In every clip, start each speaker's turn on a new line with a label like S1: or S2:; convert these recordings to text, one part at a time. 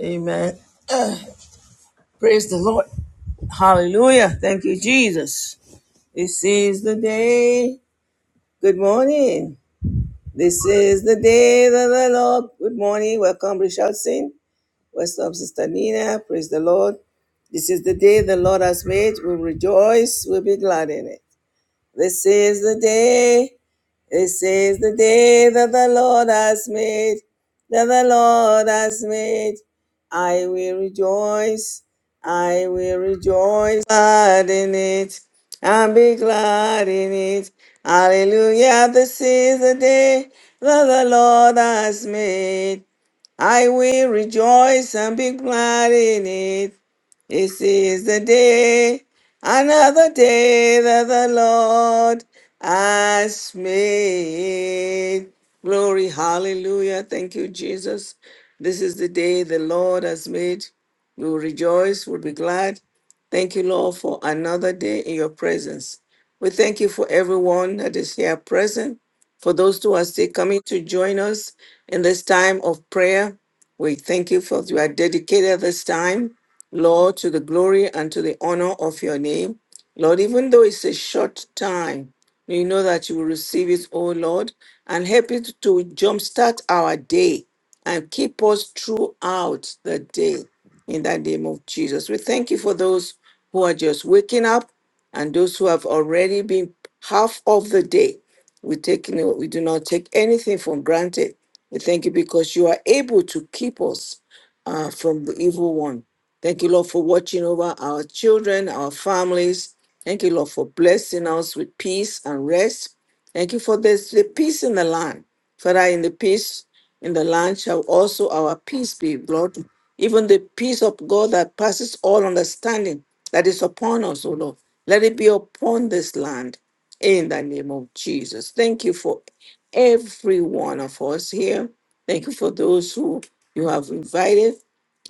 S1: Amen. Praise the Lord. Hallelujah. Thank you, Jesus. This is the day. Good morning. This is the day that the Lord. Good morning. Welcome, Richardson. What's up, Sister Nina? Praise the Lord. This is the day the Lord has made. We'll rejoice. We'll be glad in it. This is the day, this is the day that the Lord has made, that the Lord has made. I will rejoice, I will rejoice, glad in it, and be glad in it. Hallelujah, this is the day that the Lord has made. I will rejoice and be glad in it. This is the day, another day that the Lord has made. Glory, hallelujah. Thank you, Jesus. This is the day the Lord has made. We will rejoice, we'll be glad. Thank you, Lord, for another day in your presence. We thank you for everyone that is here present, for those who are still coming to join us in this time of prayer. We thank you for you are dedicated this time. Lord, to the glory and to the honor of your name. Lord, even though it's a short time, we know that you will receive it, oh Lord, and help it to jumpstart our day and keep us throughout the day in the name of Jesus. We thank you for those who are just waking up and those who have already been half of the day. We take no, we do not take anything for granted. We thank you because you are able to keep us uh, from the evil one. Thank you, Lord, for watching over our children, our families. Thank you, Lord, for blessing us with peace and rest. Thank you for this the peace in the land. Father, in the peace in the land shall also our peace be, Lord. Even the peace of God that passes all understanding that is upon us, O Lord. Let it be upon this land in the name of Jesus. Thank you for every one of us here. Thank you for those who you have invited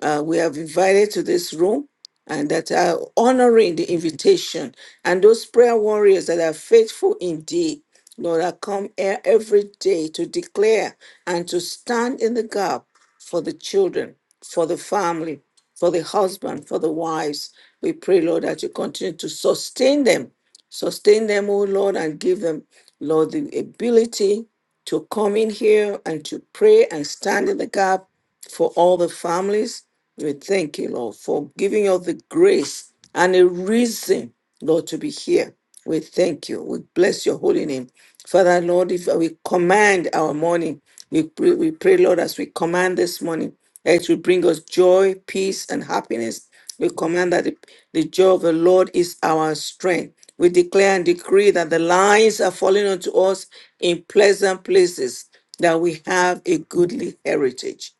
S1: uh, we have invited to this room and that are honoring the invitation. And those prayer warriors that are faithful indeed, Lord, I come here every day to declare and to stand in the gap for the children, for the family, for the husband, for the wives. We pray, Lord, that you continue to sustain them Sustain them, O Lord, and give them, Lord, the ability to come in here and to pray and stand in the gap for all the families. We thank you, Lord, for giving us the grace and a reason, Lord, to be here. We thank you. We bless your holy name. Father, Lord, if we command our morning, we pray, we pray, Lord, as we command this morning, it will bring us joy, peace, and happiness we command that the, the joy of the Lord is our strength. We declare and decree that the lines are falling unto us in pleasant places, that we have a goodly heritage.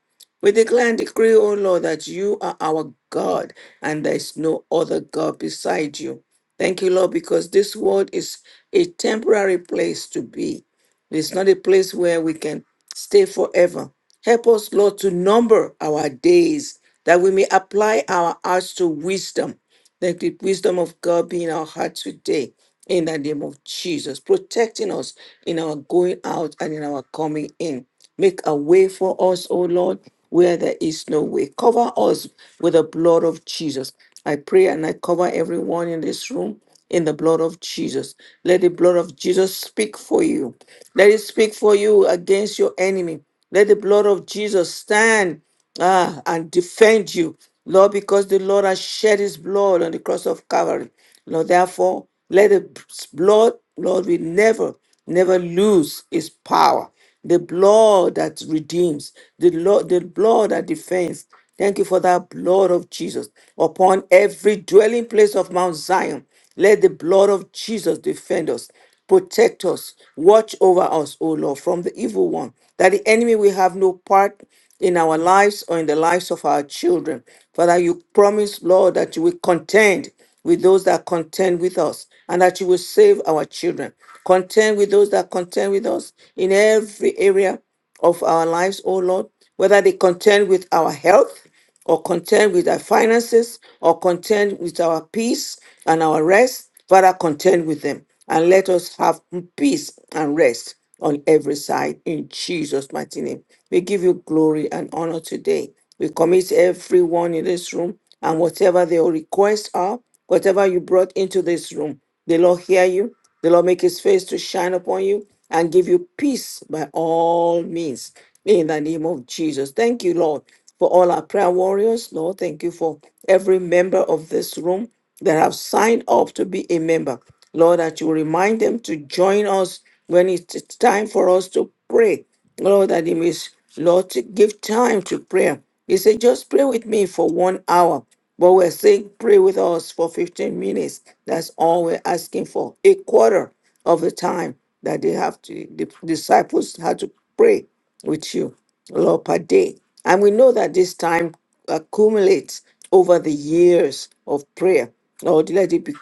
S1: We declare and decree, O Lord, that you are our God and there is no other God beside you. Thank you, Lord, because this world is a temporary place to be. It's not a place where we can stay forever. Help us, Lord, to number our days that we may apply our hearts to wisdom. Let the wisdom of God be in our heart today in the name of Jesus, protecting us in our going out and in our coming in. Make a way for us, O Lord, where there is no way. Cover us with the blood of Jesus. I pray and I cover everyone in this room in the blood of Jesus. Let the blood of Jesus speak for you. Let it speak for you against your enemy. Let the blood of Jesus stand ah, and defend you, Lord, because the Lord has shed his blood on the cross of Calvary. Lord, therefore, let the blood, Lord, we never, never lose its power the blood that redeems, the, lo- the blood that defends. Thank you for that blood of Jesus upon every dwelling place of Mount Zion. Let the blood of Jesus defend us, protect us, watch over us, O Lord, from the evil one, that the enemy will have no part in our lives or in the lives of our children. Father, you promise, Lord, that you will contend with those that contend with us and that you will save our children. Contend with those that contend with us in every area of our lives, O Lord, whether they contend with our health or contend with our finances or contend with our peace and our rest Father, contend with them and let us have peace and rest on every side in Jesus' mighty name. We give you glory and honor today. We commit everyone in this room and whatever their requests are, whatever you brought into this room, the Lord hear you. The Lord make his face to shine upon you and give you peace by all means in the name of Jesus. Thank you, Lord, for all our prayer warriors. Lord, thank you for every member of this room that have signed up to be a member. Lord, that you remind them to join us when it's time for us to pray. Lord, that it means, Lord, to give time to prayer. He said, just pray with me for one hour. But we're saying, pray with us for 15 minutes. That's all we're asking for. A quarter of the time that they have to, the disciples had to pray with you, Lord, per day. And we know that this time accumulates over the years of prayer. Lord, let it be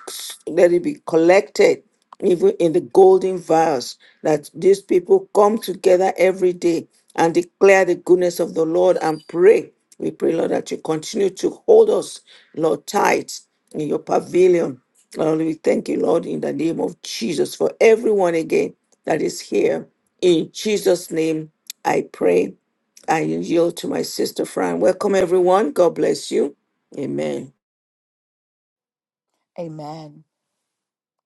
S1: let it be collected even in the golden vials that these people come together every day and declare the goodness of the Lord and pray. We pray, Lord, that you continue to hold us, Lord, tight in your pavilion. Lord, we thank you, Lord, in the name of Jesus for everyone again that is here. In Jesus' name, I pray. I yield to my sister Fran. Welcome, everyone. God bless you. Amen.
S2: Amen.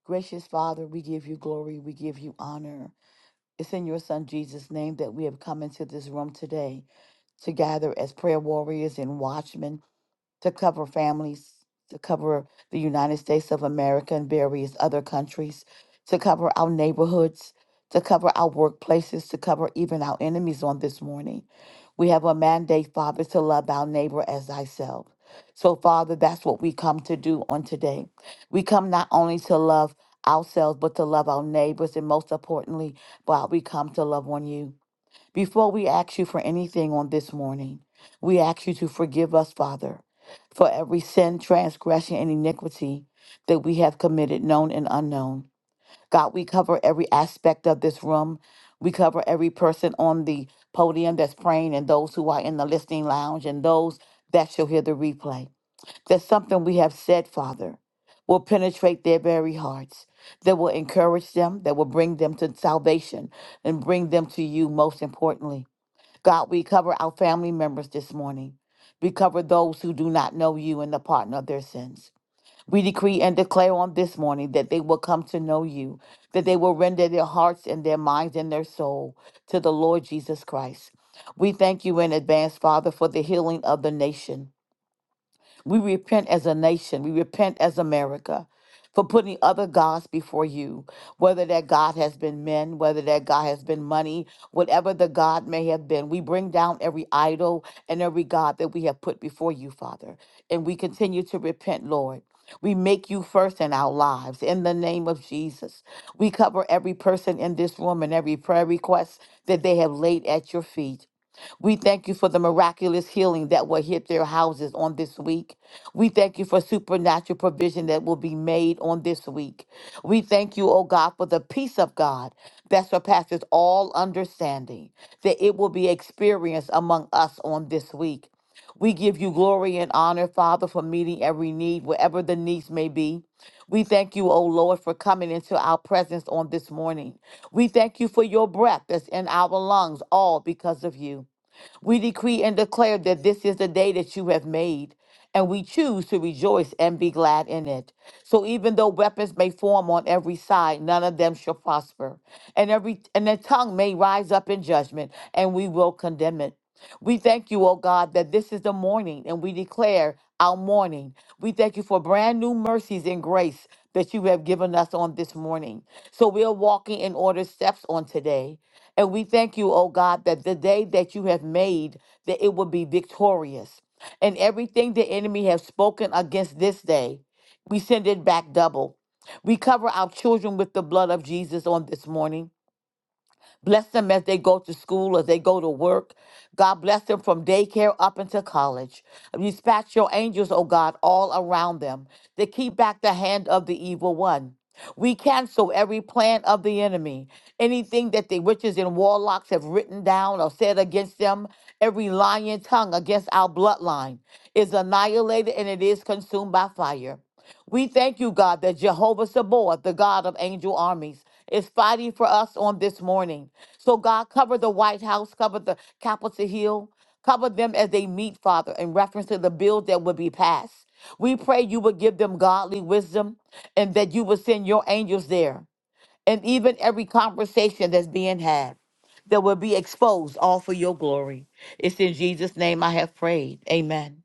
S2: Gracious Father, we give you glory. We give you honor. It's in your Son Jesus' name that we have come into this room today to gather as prayer warriors and watchmen to cover families, to cover the United States of America and various other countries, to cover our neighborhoods, to cover our workplaces, to cover even our enemies on this morning. We have a mandate, Father, to love our neighbor as thyself. So, Father, that's what we come to do on today. We come not only to love ourselves, but to love our neighbors, and most importantly, but we come to love on you. Before we ask you for anything on this morning, we ask you to forgive us, Father, for every sin, transgression, and iniquity that we have committed, known and unknown. God, we cover every aspect of this room. We cover every person on the podium that's praying and those who are in the listening lounge and those that shall hear the replay. There's something we have said, Father, will penetrate their very hearts, that will encourage them, that will bring them to salvation and bring them to you most importantly. God, we cover our family members this morning. We cover those who do not know you and the pardon of their sins. We decree and declare on this morning that they will come to know you, that they will render their hearts and their minds and their soul to the Lord Jesus Christ. We thank you in advance, Father, for the healing of the nation. We repent as a nation. We repent as America for putting other gods before you, whether that God has been men, whether that God has been money, whatever the God may have been. We bring down every idol and every God that we have put before you, Father. And we continue to repent, Lord. We make you first in our lives in the name of Jesus. We cover every person in this room and every prayer request that they have laid at your feet. We thank you for the miraculous healing that will hit their houses on this week. We thank you for supernatural provision that will be made on this week. We thank you, oh God, for the peace of God that surpasses all understanding, that it will be experienced among us on this week. We give you glory and honor, Father, for meeting every need, wherever the needs may be. We thank you, O Lord, for coming into our presence on this morning. We thank you for your breath that's in our lungs, all because of you. We decree and declare that this is the day that you have made, and we choose to rejoice and be glad in it. So even though weapons may form on every side, none of them shall prosper. And every and the tongue may rise up in judgment, and we will condemn it. We thank you, O God, that this is the morning, and we declare our morning. We thank you for brand new mercies and grace that you have given us on this morning. So we are walking in order steps on today. And we thank you, oh God, that the day that you have made, that it will be victorious. And everything the enemy has spoken against this day, we send it back double. We cover our children with the blood of Jesus on this morning. Bless them as they go to school, as they go to work. God bless them from daycare up into college. Dispatch your angels, oh God, all around them to keep back the hand of the evil one. We cancel every plan of the enemy, anything that the witches and warlocks have written down or said against them, every lying tongue against our bloodline is annihilated and it is consumed by fire. We thank you, God, that Jehovah Sabaoth, the God of angel armies, is fighting for us on this morning. So, God, cover the White House, cover the Capitol Hill, cover them as they meet, Father, in reference to the bills that will be passed. We pray you would give them godly wisdom and that you would send your angels there. And even every conversation that's being had that will be exposed, all for your glory. It's in Jesus' name I have prayed. Amen.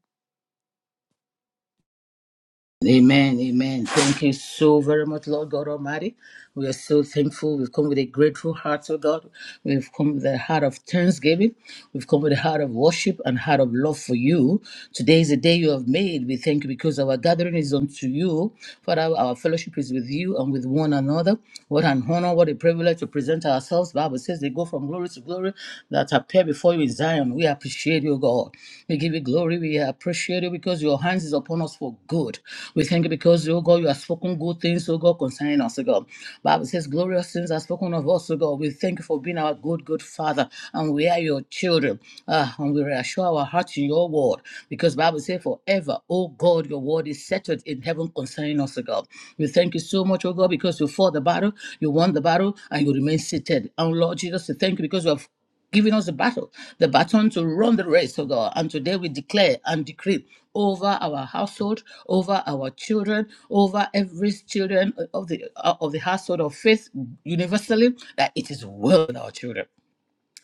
S3: Amen, amen. Thank you so very much, Lord God Almighty. We are so thankful. We've come with a grateful heart, oh God. We've come with a heart of thanksgiving. We've come with a heart of worship and heart of love for you. Today is the day you have made. We thank you because our gathering is unto you. Father, our fellowship is with you and with one another. What an honor, what a privilege to present ourselves. Bible says they go from glory to glory that appear before you in Zion. We appreciate you, God. We give you give you glory. We appreciate you because your hands is upon us for good. We thank you because, oh God, you have spoken good things, oh God, concerning us, oh God. Bible says, glorious things are spoken of us, oh God. We thank you for being our good, good Father, and we are your children. Ah, and we reassure our hearts in your word because Bible says, forever, oh God, your word is settled in heaven concerning us, oh God. We thank you so much, oh God, because you fought the battle, you won the battle, and you remain seated. And Lord Jesus, we thank you because you have giving us the battle, the baton to run the race, oh God. And today we declare and decree over our household, over our children, over every children of the uh, of the household of faith universally that it is well with our children.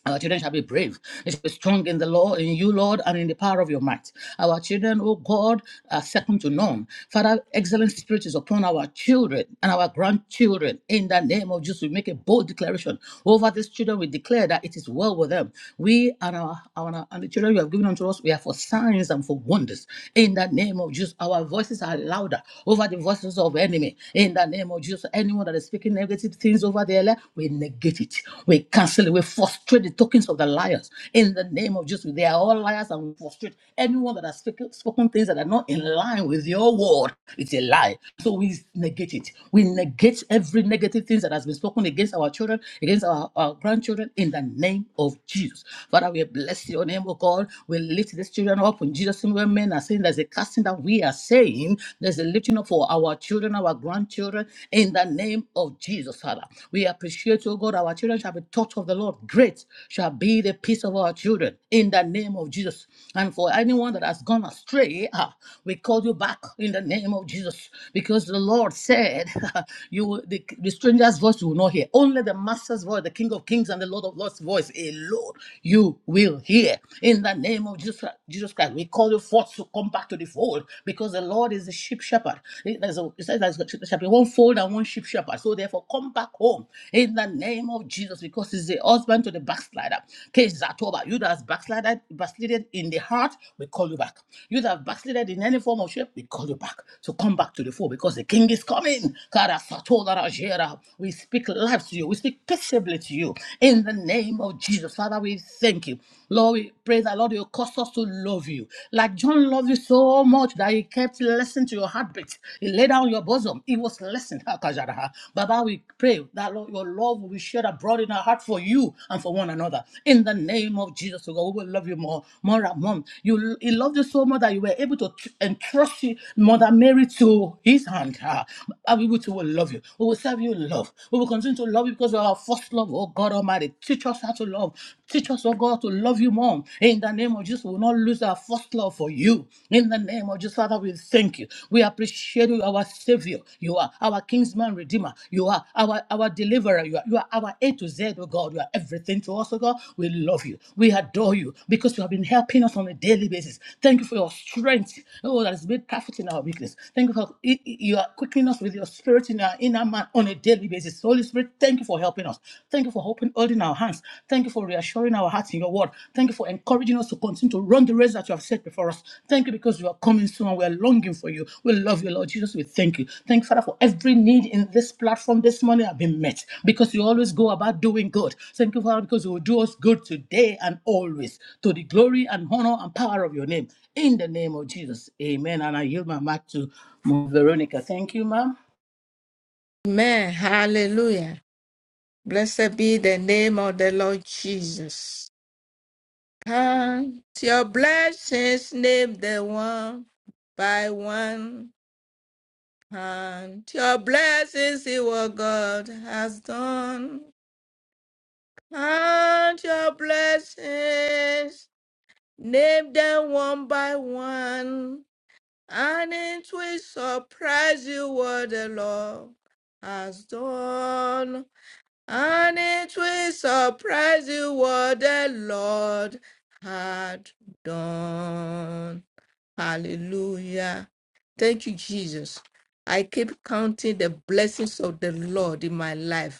S3: Our children shall be brave. They shall be strong in the Lord, in you, Lord, and in the power of your might. Our children, oh God, are second to none. Father, excellent spirit is upon our children and our grandchildren. In the name of Jesus, we make a bold declaration over these children. We declare that it is well with them. We and our, our and the children you have given unto us, we are for signs and for wonders. In the name of Jesus, our voices are louder over the voices of enemy. In the name of Jesus, anyone that is speaking negative things things over their life, we negate it. We cancel it. We frustrate the tokens of the liars. In the name of Jesus, they are all liars and we frustrate anyone that has spoken spoken things that are not in line with your word. It's a lie. So we negate it. We negate every negative things that has been spoken against our children, against our, our grandchildren in the name of Jesus. Father, we bless your name, O God. We lift these children up. When Jesus and women are saying there's a casting that we are saying, there's a lifting up for our children children, our grandchildren, in the name of Jesus, Father. We appreciate, you, God, our children shall be taught of the Lord. Great shall be the peace of our children, in the name of Jesus. And for anyone that has gone astray, ah, we call you back in the name of Jesus, because the Lord said, "You will, the, the stranger's voice you will not hear. Only the Master's voice, the King of Kings and the Lord of Lords' voice alone you will hear." In the name of Jesus, Jesus Christ, we call you forth to come back back to the fold because the Lord is the sheep shepherd. It there's a- it says there's- there shall be one fold and one sheep shepherd. So therefore, come back home in the name of Jesus because he's the husband to the backslider. Case Zatoba, you that has backslided, backslided in the heart, we call you back. You that have backslided in any form of shape, we call you back. So come back to the fold because the king is coming. Kara Satola Rajera. We speak life to you. We speak peaceably to you in the name of Jesus. Father, we thank you. Lord, we pray that, Lord, you cause us to love you. Like John loved you so much that he kept listening to your heartbeat. He laid down your bosom. He was listening. Baba, we pray that, Lord, your love will be shared abroad in our heart for you and for one another. In the name of Jesus, oh God, we will love you more, more and more. You, he loved you so much that you were able to tr- entrust you, Mother Mary to his hand. Ah, And we will, too will love you. We will serve you in love. We will continue to love you because you are our first love, oh oh God Almighty. Teach us how to love. Teach us, oh God, to love you more. In the name of Jesus, we will not lose our first love for you. In the name of Jesus, Father, we thank you. We appreciate you, our Savior. You are our Kingsman Redeemer. You are our, our Deliverer. You are, you are our A to Z, oh God. You are everything to us, oh God. We love you. We adore you because you have been helping us on a daily basis. Thank you for your strength, oh, that has made perfect in our weakness. Thank you for you are quickening us with your spirit in our inner our mind on a daily basis. Holy Spirit, thank you for helping us. Thank you for helping, holding our hands. Thank you for reassuring our hearts in your word. Thank you for encouraging us to continue to run the race that you have set before us. Thank you because you are coming soon and we are longing for you. We love you, Lord Jesus. We thank you. Thank you, Father, for every need in this platform this morning have been met because you always go about doing good. Thank you, Father, because you will do us good today and always to the glory and honor and power of your name. In the name of Jesus. Amen. And I yield my mic to Veronica. Thank you, ma'am.
S4: Amen. Hallelujah. Blessed be the name of the Lord Jesus. Count your blessings, name the one by one. Count your blessings, see what God has done. Count your blessings, name them one by one. And it will surprise you what the Lord has done. And it will surprise you what the Lord had done. Hallelujah. Thank you, Jesus. I keep counting the blessings of the Lord in my life.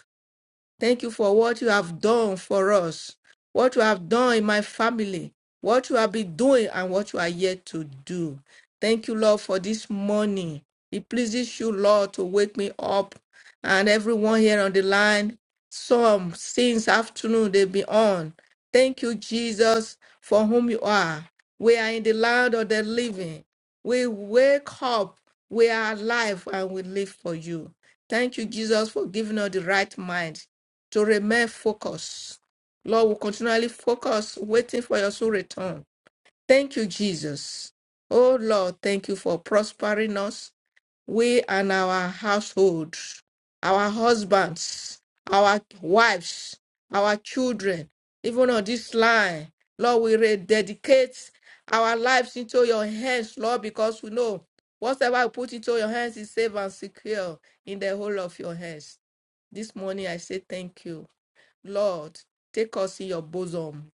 S4: Thank you for what you have done for us, what you have done in my family, what you have been doing, and what you are yet to do. Thank you, Lord, for this morning. It pleases you, Lord, to wake me up and everyone here on the line. Some since afternoon they've been on. Thank you, Jesus, for whom you are. We are in the land of the living. We wake up, we are alive, and we live for you. Thank you, Jesus, for giving us the right mind to remain focused. Lord, we continually focus, waiting for your soul return. Thank you, Jesus. Oh, Lord, thank you for prospering us, we and our household, our husbands, our wives, our children, even on this line. Lord, we rededicate our lives into your hands, Lord, because we know whatever we put into your hands is safe and secure in the whole of your hands. This morning, I say thank you. Lord, take us in your bosom.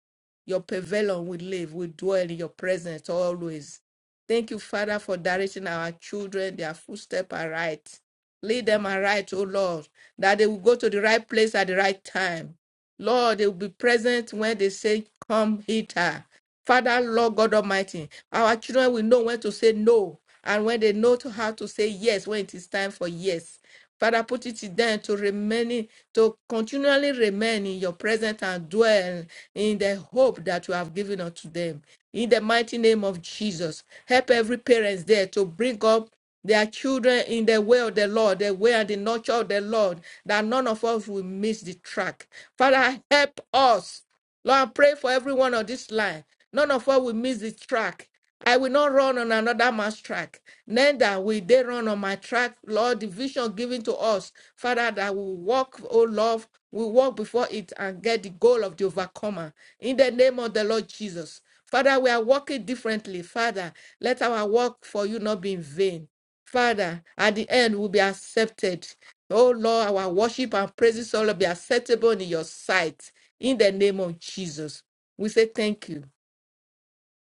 S4: Your pavilion we live, we dwell in your presence always. Thank you, Father, for directing our children, their footsteps are right. Lead them aright, O Lord, that they will go to the right place at the right time. Lord, they will be present when they say, Come hither. Father, Lord God Almighty, our children will know when to say no and when they know to how to say yes when it is time for yes. Father, put it in them to remain, in- to continually remain in your presence and dwell in the hope that you have given unto them. In the mighty name of Jesus, help every parents there to bring up their children in the way of the Lord, the way and the nurture of the Lord, that none of us will miss the track. Father, help us Lord, I pray for everyone on this line. None of us will miss the track. I will not run on another man's track. Neither will they run on my track. Lord, the vision given to us, Father, that we walk, oh love, we walk before it and get the goal of the overcomer. In the name of the Lord Jesus. Father, we are walking differently. Father, let our walk for you not be in vain. Father, at the end, we'll be accepted. Oh Lord, our worship and praises all be acceptable in your sight. In the name of Jesus, we say thank you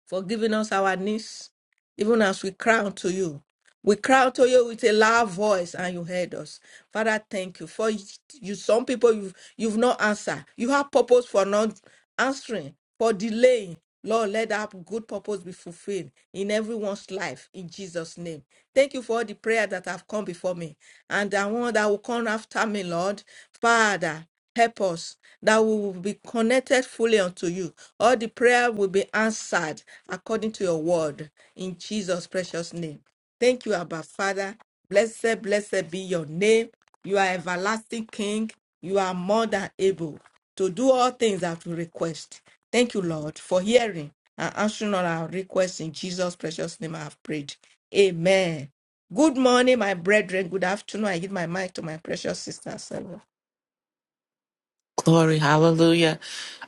S4: for giving us our needs, even as we cry unto you. We cried to you with a loud voice, and you heard us. Father, thank you for you. Some people you've you've not answered. You have purpose for not answering, for delaying. Lord, let that good purpose be fulfilled in everyone's life in Jesus' name. Thank you for all the prayer that have come before me and the one that will come after me, Lord. Father, help us that we will be connected fully unto you. All the prayer will be answered according to your word in Jesus' precious name. Thank you, Abba Father. Blessed, blessed be your name. You are everlasting King. You are more than able to do all things that we request. Thank you, Lord, for hearing and answering all our requests. In Jesus' precious name, I have prayed. Amen. Good morning, my brethren. Good afternoon. I give my mic to my precious sister. Sarah.
S5: Glory, hallelujah.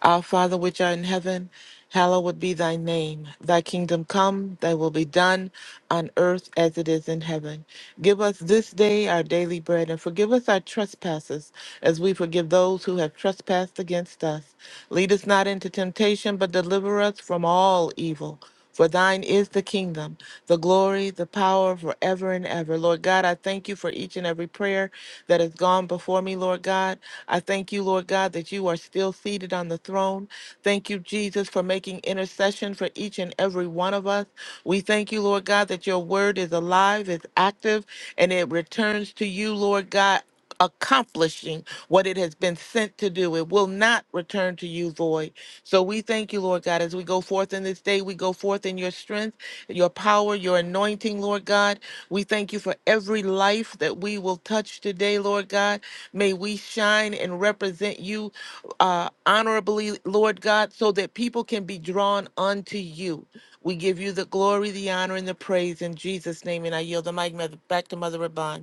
S5: Our Father which art in heaven, hallowed be thy name. Thy kingdom come, thy will be done on earth as it is in heaven. Give us this day our daily bread and forgive us our trespasses as we forgive those who have trespassed against us. Lead us not into temptation, but deliver us from all evil. For thine is the kingdom, the glory, the power forever and ever. Lord God, I thank you for each and every prayer that has gone before me, Lord God. I thank you, Lord God, that you are still seated on the throne. Thank you, Jesus, for making intercession for each and every one of us. We thank you, Lord God, that your word is alive, is active, and it returns to you, Lord God accomplishing what it has been sent to do. It will not return to you void. So we thank you, Lord God, as we go forth in this day, we go forth in your strength, your power, your anointing, Lord God. We thank you for every life that we will touch today, Lord God. May we shine and represent you uh, honorably, Lord God, so that people can be drawn unto you. We give you the glory, the honor, and the praise in Jesus' name. And I yield the mic mother- back to Mother Rabban.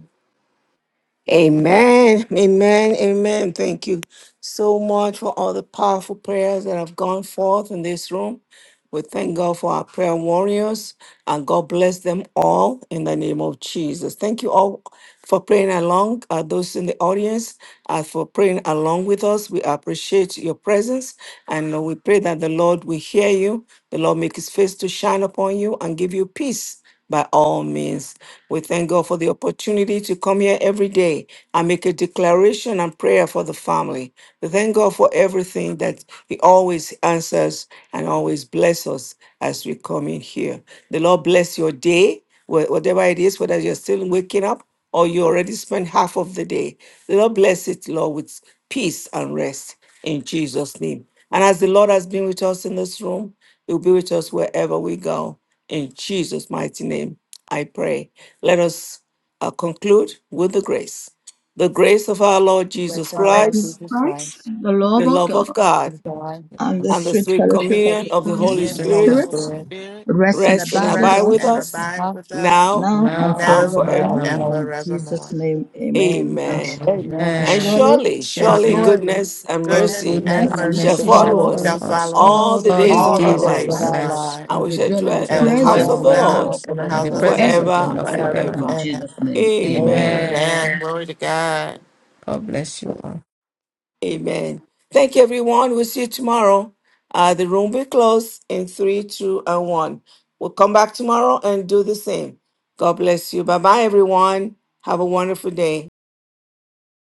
S1: Amen. Amen. Amen. Thank you so much for all the powerful prayers that have gone forth in this room. We thank God for our prayer warriors and God bless them all in the name of Jesus. Thank you all for praying along, uh, those in the audience, uh, for praying along with us. We appreciate your presence us. And uh, we pray that the Lord will hear you. The Lord make his face to shine upon you and give you peace by all means. We thank God for the opportunity to come here every day and make a declaration and prayer for the family. We thank God for everything that He always answers and always bless us as we come in here. The Lord bless your day, wh- whatever it is, whether you're still waking up or you already spent half of the day. The Lord bless it, Lord, with peace and rest in Jesus' name. And as the Lord has been with us in this room, He'll be with us wherever we go. In Jesus' mighty name, I pray. Let us uh, conclude with the grace. The grace of our Lord
S2: The
S1: Jesus
S2: grace of
S3: our
S2: our
S3: Lord
S2: Lord
S1: Christ,
S3: Jesus
S2: Jesus
S3: Christ,
S2: Christ.
S3: the
S1: the
S3: love of
S1: love of
S3: God,
S1: God,
S2: and the God
S3: and the
S1: and
S4: Yes,
S1: the
S3: sweet
S1: sweet
S5: and the
S3: fellowship of
S1: communion
S3: the
S5: sweet
S1: of the
S3: Holy
S4: We
S2: in the
S4: we
S1: Holy
S2: name
S5: communion
S2: of the
S4: just
S5: of the
S1: Spirit
S2: Holy
S4: start
S3: Spirit
S5: Holy
S2: Spirit,
S4: um,
S5: Spirit
S3: rest and
S4: in
S1: rest and
S3: abide with
S1: abide
S4: Jesus'
S5: rest
S3: us
S1: with
S5: and
S4: precious
S1: us
S4: name.
S5: abide
S2: now,
S5: with us
S1: now
S3: now and
S4: Now
S2: now
S4: and
S1: and
S2: and
S5: now
S3: forevermore.
S5: and
S1: forevermore.
S4: forevermore.
S2: forevermore.
S3: In Jesus'
S5: forevermore.
S3: name, amen. And
S1: Amen.
S5: Hallelujah.
S3: and
S2: Amen.
S1: And
S4: Amen.
S3: surely
S1: surely,
S5: And
S1: surely
S4: Surely.
S2: Surely,
S5: surely
S1: goodness and
S4: God's
S5: goodness
S1: mercy
S2: goodness
S4: goodness
S5: and
S2: and
S4: and
S3: mercy
S2: mercy
S5: mercy
S1: shall
S3: shall
S2: shall
S4: mercy shall
S1: follow
S3: follow
S2: follow
S1: us
S4: follow
S3: us
S5: shall
S2: us
S4: us
S5: follow
S1: all
S3: all
S5: us
S1: the
S3: the
S4: all the
S1: days of
S2: all
S5: all
S3: days
S2: the
S5: the
S1: our
S3: of
S4: days
S3: our
S4: of
S2: days
S5: days
S2: of
S4: our
S1: lives,
S5: of
S2: our
S3: lives
S5: our
S4: lives.
S2: lives,
S5: life,
S1: and
S3: as
S1: we
S3: we
S1: shall
S3: dwell in
S4: We
S3: the
S1: dwell in
S5: and
S4: shall
S1: the
S2: to
S5: we
S1: house
S5: shall
S4: dwell
S1: of
S3: presence
S4: in
S2: dwell
S1: the
S3: of
S2: in
S4: their
S3: the
S2: the
S5: dwell
S1: Lord
S3: Lord
S2: house
S4: house
S2: of
S5: in the
S2: the
S4: and the
S5: house
S2: Lord
S5: of the
S4: presence
S5: Lord
S3: forever
S4: of the
S1: forever
S3: and
S4: Lord
S1: and
S3: ever.
S5: forever
S4: forever.
S3: In
S1: ever.
S5: and
S3: Jesus'
S5: ever.
S3: name, amen.
S1: Amen.
S5: Amen.
S4: Amen.
S5: Glory to God.
S4: God bless you. all.
S1: Amen. Thank you, everyone. We'll see you tomorrow. Uh, the room will close in three, two, and one. We'll come back tomorrow and do the same. God bless you. Bye bye, everyone. Have a wonderful day.